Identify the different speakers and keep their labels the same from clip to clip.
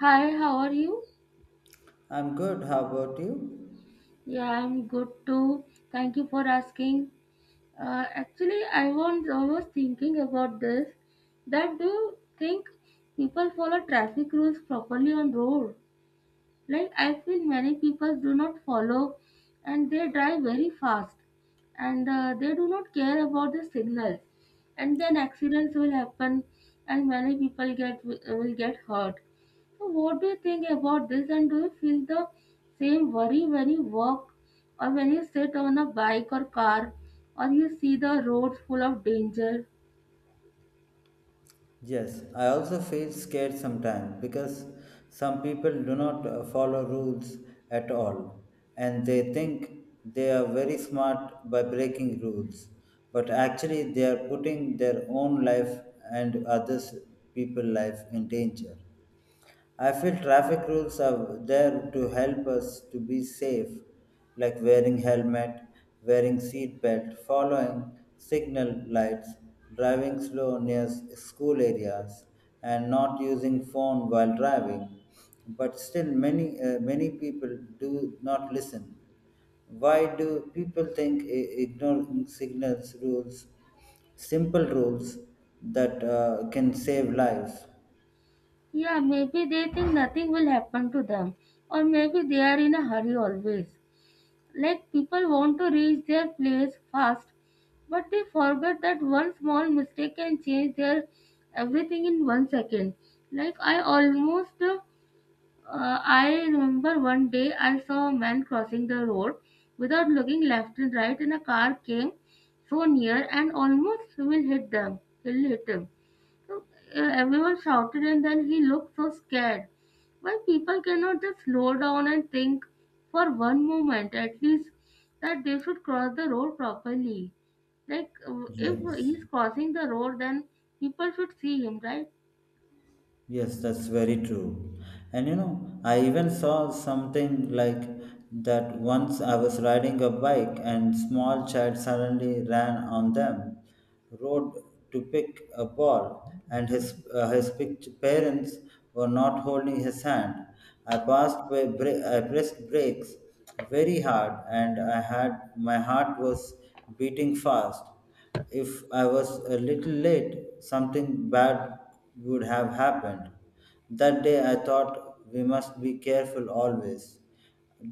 Speaker 1: Hi, how are you?
Speaker 2: I'm good. How about you?
Speaker 1: Yeah, I'm good too. Thank you for asking. Actually, I was almost thinking about this. That do you think people follow traffic rules properly on road? Like I feel many people do not follow and they drive very fast and they do not care about the signals and then accidents will happen and many people get will get hurt. So what do you think about this and do you feel the same worry when you walk or when you sit on a bike or car or you see the roads full of danger?
Speaker 2: Yes, I also feel scared sometimes because some people do not follow rules at all, and they think they are very smart by breaking rules, but actually they are putting their own life and others people life in danger. I feel traffic rules are there to help us to be safe, like wearing helmet, wearing seat belt, following signal lights, driving slow near school areas, and not using phone while driving. But still, many people do not listen. Why do people think ignoring signals rules, simple rules that can save lives?
Speaker 1: Yeah, maybe they think nothing will happen to them or maybe they are in a hurry always. Like people want to reach their place fast but they forget that one small mistake can change their everything in 1 second, like I almost I remember one day I saw a man crossing the road without looking left and right and a car came so near and almost will hit them will hit him so everyone shouted, and then he looked so scared. Why people cannot just slow down and think for one moment at least that they should cross the road properly? Like, if
Speaker 2: Yes.
Speaker 1: he's crossing the road, then people should see him, right?
Speaker 2: Yes, that's very true. And you know, I even saw something like that. Once I was riding a bike and small child suddenly ran on them, rode to pick a ball, and his parents were not holding his hand. I pressed brakes very hard and I had my heart was beating fast. If I was a little late, something bad would have happened. That day I thought we must be careful always.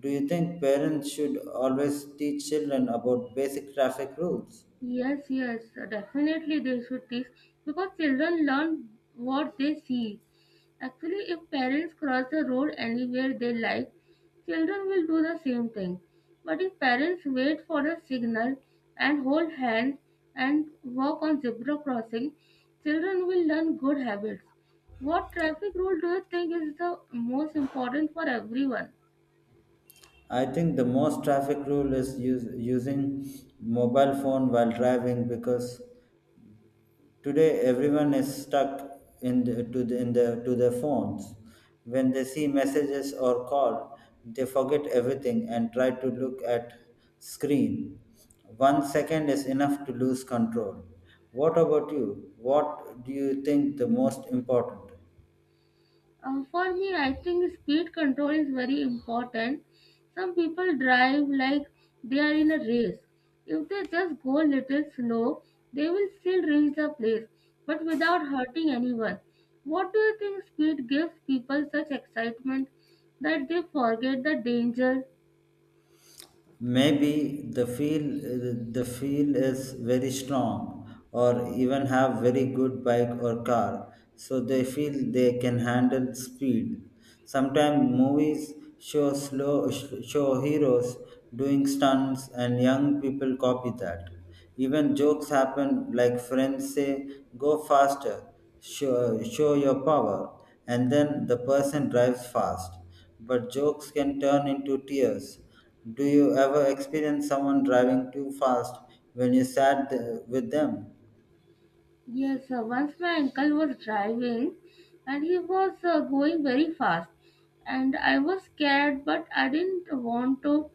Speaker 2: Do you think parents should always teach children about basic traffic rules?
Speaker 1: Yes, yes, definitely they should teach because children learn what they see. Actually, if parents cross the road anywhere they like, children will do the same thing. But if parents wait for a signal and hold hands and walk on zebra crossing, children will learn good habits. What traffic rule do you think is the most important for everyone?
Speaker 2: I think the most traffic rule is using mobile phone while driving because today, everyone is stuck in the to their phones. When they see messages or call, they forget everything and try to look at screen. One second is enough to lose control. What about you? What do you think the most important?
Speaker 1: For me, I think speed control is very important. Some people drive like they are in a race. If they just go a little slow, they will still reach the place, but without hurting anyone. What do you think speed gives people such excitement that they forget the danger?
Speaker 2: Maybe the feel is very strong, or even have very good bike or car so they feel they can handle speed. Sometimes movies show heroes doing stunts and young people copy that. Even jokes happen, like friends say go faster, show your power, and then the person drives fast, but jokes can turn into tears. Do you ever experience someone driving too fast when you sat with them?
Speaker 1: Yes, once my uncle was driving and he was going very fast and I was scared, but I didn't want to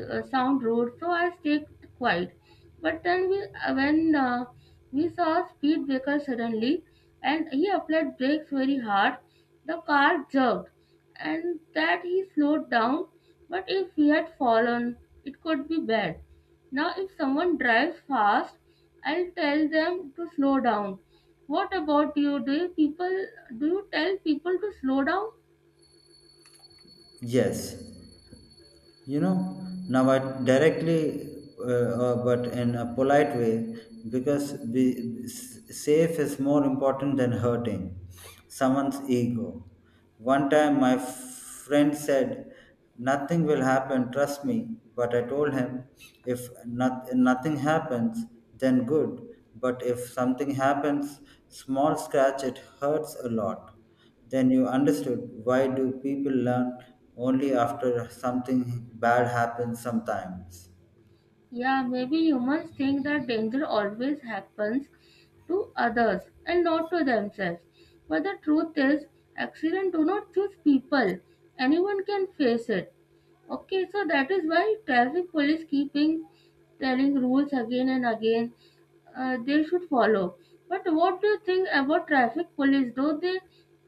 Speaker 1: sound road, so I stayed quiet. But then when we saw a speed breaker suddenly, and he applied brakes very hard, the car jerked, and that he slowed down. But if we had fallen, it could be bad. Now, if someone drives fast, I'll tell them to slow down. What about you? Do you tell people to slow down?
Speaker 2: Yes, you know, now I directly but in a polite way, because safe is more important than hurting someone's ego. One time my friend said nothing will happen, trust me, but I told him if not, nothing happens, then good, but if something happens, small scratch, it hurts a lot. Then you understood why do people learn only after something bad happens sometimes.
Speaker 1: Yeah, maybe humans think that danger always happens to others and not to themselves. But the truth is, accident do not choose people. Anyone can face it. Okay, so that is why traffic police keeping telling rules again and again they should follow. But what do you think about traffic police?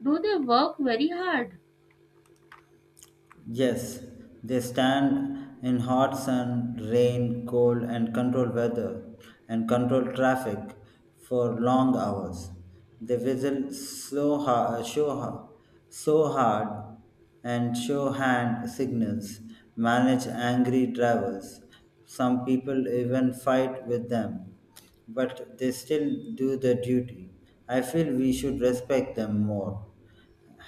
Speaker 1: Do they work very hard?
Speaker 2: Yes, they stand in hot sun, rain, cold, and control weather and control traffic for long hours. They whistle so hard, so hard, so hard, and show hand signals, manage angry drivers. Some people even fight with them, but they still do their duty. I feel we should respect them more.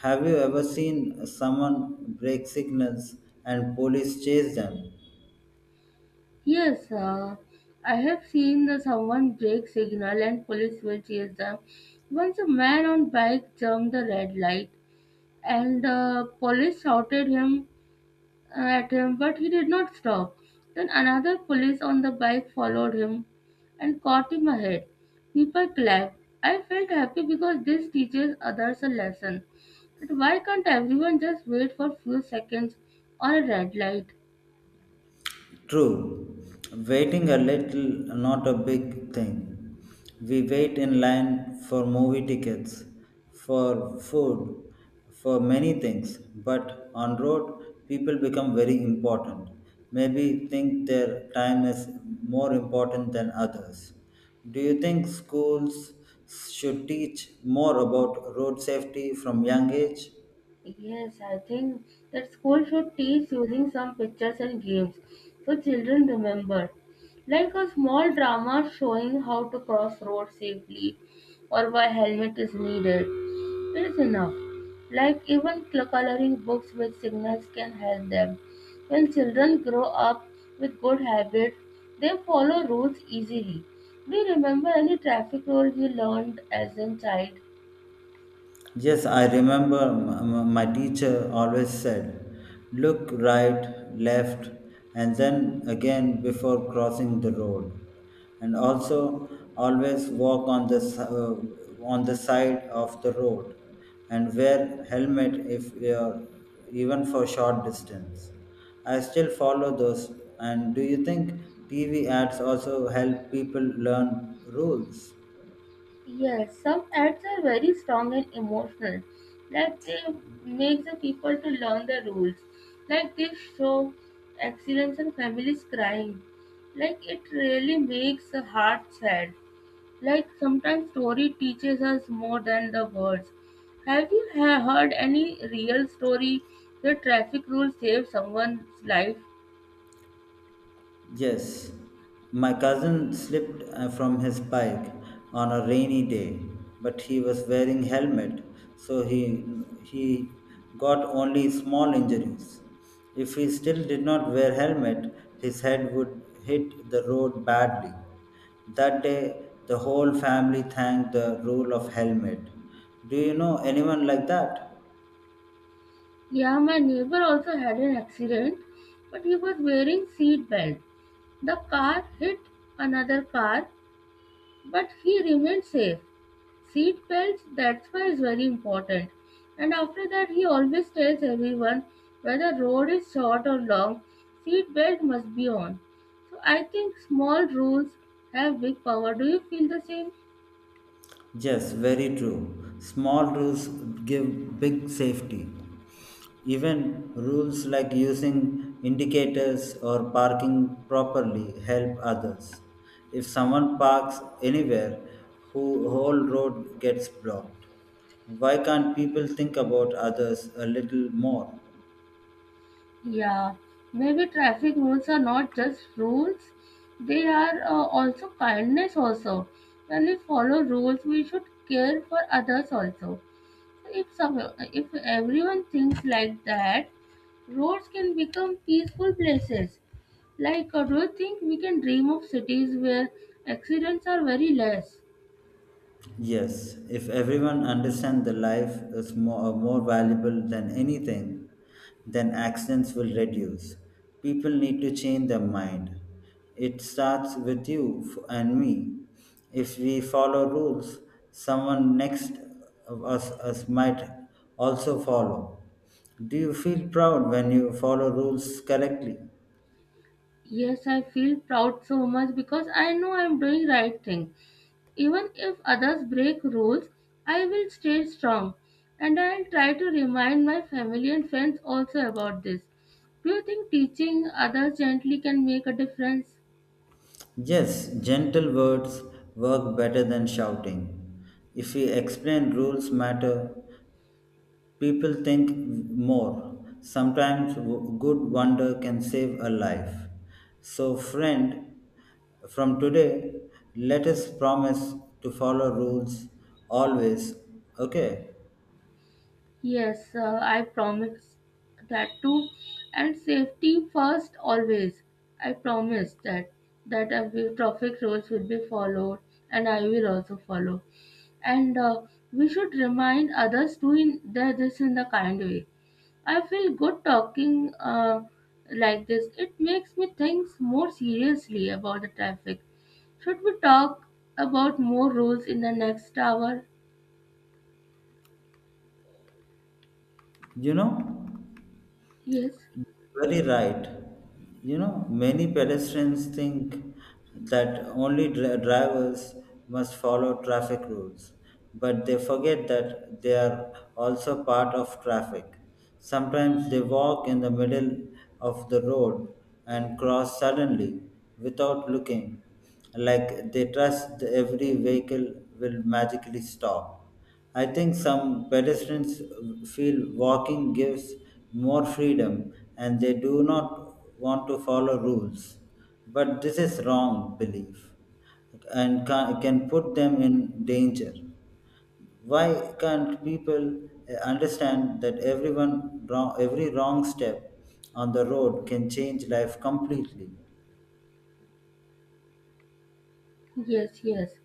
Speaker 2: Have you ever seen someone break signals and police chase them?
Speaker 1: Yes, I have seen the someone break signal and police will chase them. Once a man on bike jumped the red light and the police shouted him at him, but he did not stop. Then another police on the bike followed him and caught him ahead. People clapped. I felt happy because this teaches others a lesson. But why can't everyone just wait for few seconds on a red light?
Speaker 2: True, waiting a little, not a big thing. We wait in line for movie tickets, for food, for many things. But on road, people become very important. Maybe think their time is more important than others. Do you think schools should teach more about road safety from young age?
Speaker 1: Yes, I think that school should teach using some pictures and games so children remember. Like a small drama showing how to cross roads safely or why helmet is needed. It is enough. Like even coloring books with signals can help them. When children grow up with good habits, they follow rules easily. Do you remember any traffic rule you learned as a child?
Speaker 2: Yes, I remember my teacher always said, look right, left, and then again before crossing the road. And also, always walk on the, on the side of the road, and wear helmet if you're even for short distance. I still follow those. And do you think TV ads also help people learn rules?
Speaker 1: Yes, some ads are very strong and emotional. Like they make the people to learn the rules. Like they show accidents and families crying. Like it really makes the heart sad. Like sometimes story teaches us more than the words. Have you heard any real story where traffic rules saved someone's life?
Speaker 2: Yes, my cousin slipped from his bike on a rainy day, but he was wearing helmet, so he got only small injuries. If he still did not wear helmet, his head would hit the road badly. That day, the whole family thanked the rule of helmet. Do you know anyone like that?
Speaker 1: Yeah, my neighbor also had an accident, but he was wearing seat belt. The car hit another car, but he remained safe. Seat belts, that's why is very important. And after that, he always tells everyone whether road is short or long, seat belt must be on. So I think small rules have big power. Do you feel the same?
Speaker 2: Yes, very true. Small rules give big safety. Even rules like using indicators or parking properly help others. If someone parks anywhere, whole road gets blocked. Why can't people think about others a little more?
Speaker 1: Yeah, maybe traffic rules are not just rules, they are also kindness also. When we follow rules, we should care for others also. If, some, if everyone thinks like that, roads can become peaceful places. Like, do you think we can dream of cities where accidents are very less?
Speaker 2: Yes, if everyone understands the life is more valuable than anything, then accidents will reduce. People need to change their mind. It starts with and me. If we follow rules, someone next of us might also follow. Do you feel proud when you follow rules correctly?
Speaker 1: Yes, I feel proud so much because I know I'm doing right thing. Even if others break rules, I will stay strong, and I'll try to remind my family and friends also about this. Do you think teaching others gently can make a difference?
Speaker 2: Yes, gentle words work better than shouting. If we explain rules matter, people think more. Sometimes good wonder can save a life. So, friend, from today, let us promise to follow rules always. Okay?
Speaker 1: Yes, I promise that too. And safety first, always. I promise that I will, traffic rules will be followed, and I will also follow. And we should remind others to in that this in the kind way. I feel good talking like this. It makes me think more seriously about the traffic. Should we talk about more rules in the next hour?
Speaker 2: You know?
Speaker 1: Yes.
Speaker 2: Very right. You know, many pedestrians think that only drivers must follow traffic rules, but they forget that they are also part of traffic. Sometimes they walk in the middle of the road and cross suddenly without looking, like they trust every vehicle will magically stop. I think some pedestrians feel walking gives more freedom and they do not want to follow rules. But this is wrong belief and can put them in danger. Why can't people understand that every wrong step on the road can change life completely?
Speaker 1: Yes, yes.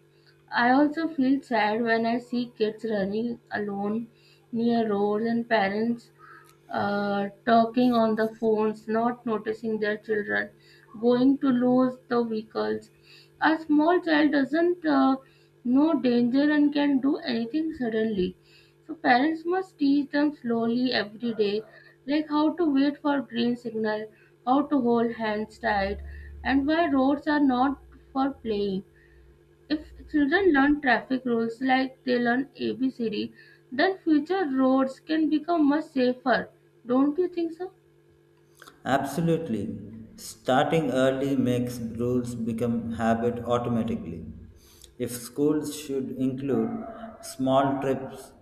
Speaker 1: I also feel sad when I see kids running alone near roads and parents talking on the phones, not noticing their children, going to lose the vehicles. A small child doesn't know danger and can do anything suddenly. So parents must teach them slowly every day, like how to wait for green signal, how to hold hands tight, and why roads are not for playing. If children learn traffic rules like they learn ABCD, then future roads can become much safer. Don't you think so?
Speaker 2: Absolutely. Starting early makes rules become habit automatically. If schools should include small trips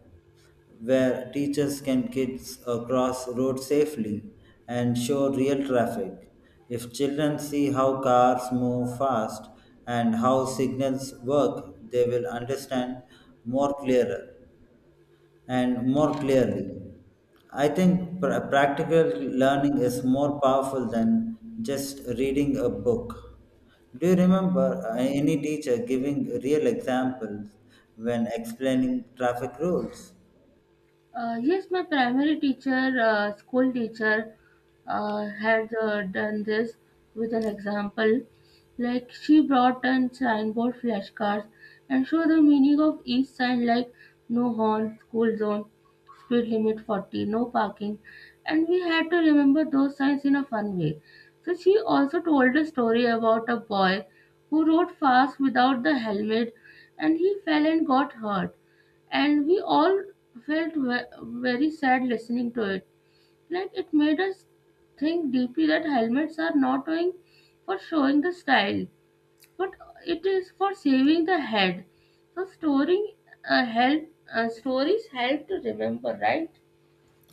Speaker 2: where teachers can kids across road safely and show real traffic. If children see how cars move fast and how signals work, they will understand more clearer and more clearly. I think practical learning is more powerful than just reading a book. Do you remember any teacher giving real examples when explaining traffic rules?
Speaker 1: Yes, my primary teacher, school teacher, had done this with an example. Like she brought in signboard flashcards and showed the meaning of each sign, like no horn, school zone, speed limit 40, no parking, and we had to remember those signs in a fun way. So she also told a story about a boy who rode fast without the helmet, and he fell and got hurt and we all felt very sad listening to it. Like it made us think deeply that helmets are not only for showing the style, but it is for saving the head. So storing help stories help to remember, right?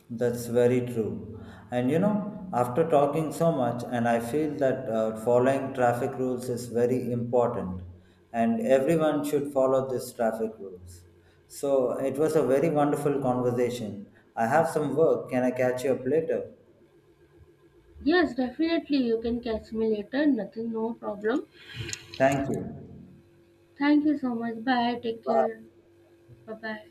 Speaker 2: That's very true. And you know, after talking so much, and I feel that following traffic rules is very important, and everyone should follow these traffic rules. So it was a very wonderful conversation. I have some work. Can I catch you up later?
Speaker 1: Yes, definitely. You can catch me later. Nothing, no problem.
Speaker 2: Thank you.
Speaker 1: Thank you so much. Bye. Take care.
Speaker 2: Bye.
Speaker 1: Bye bye.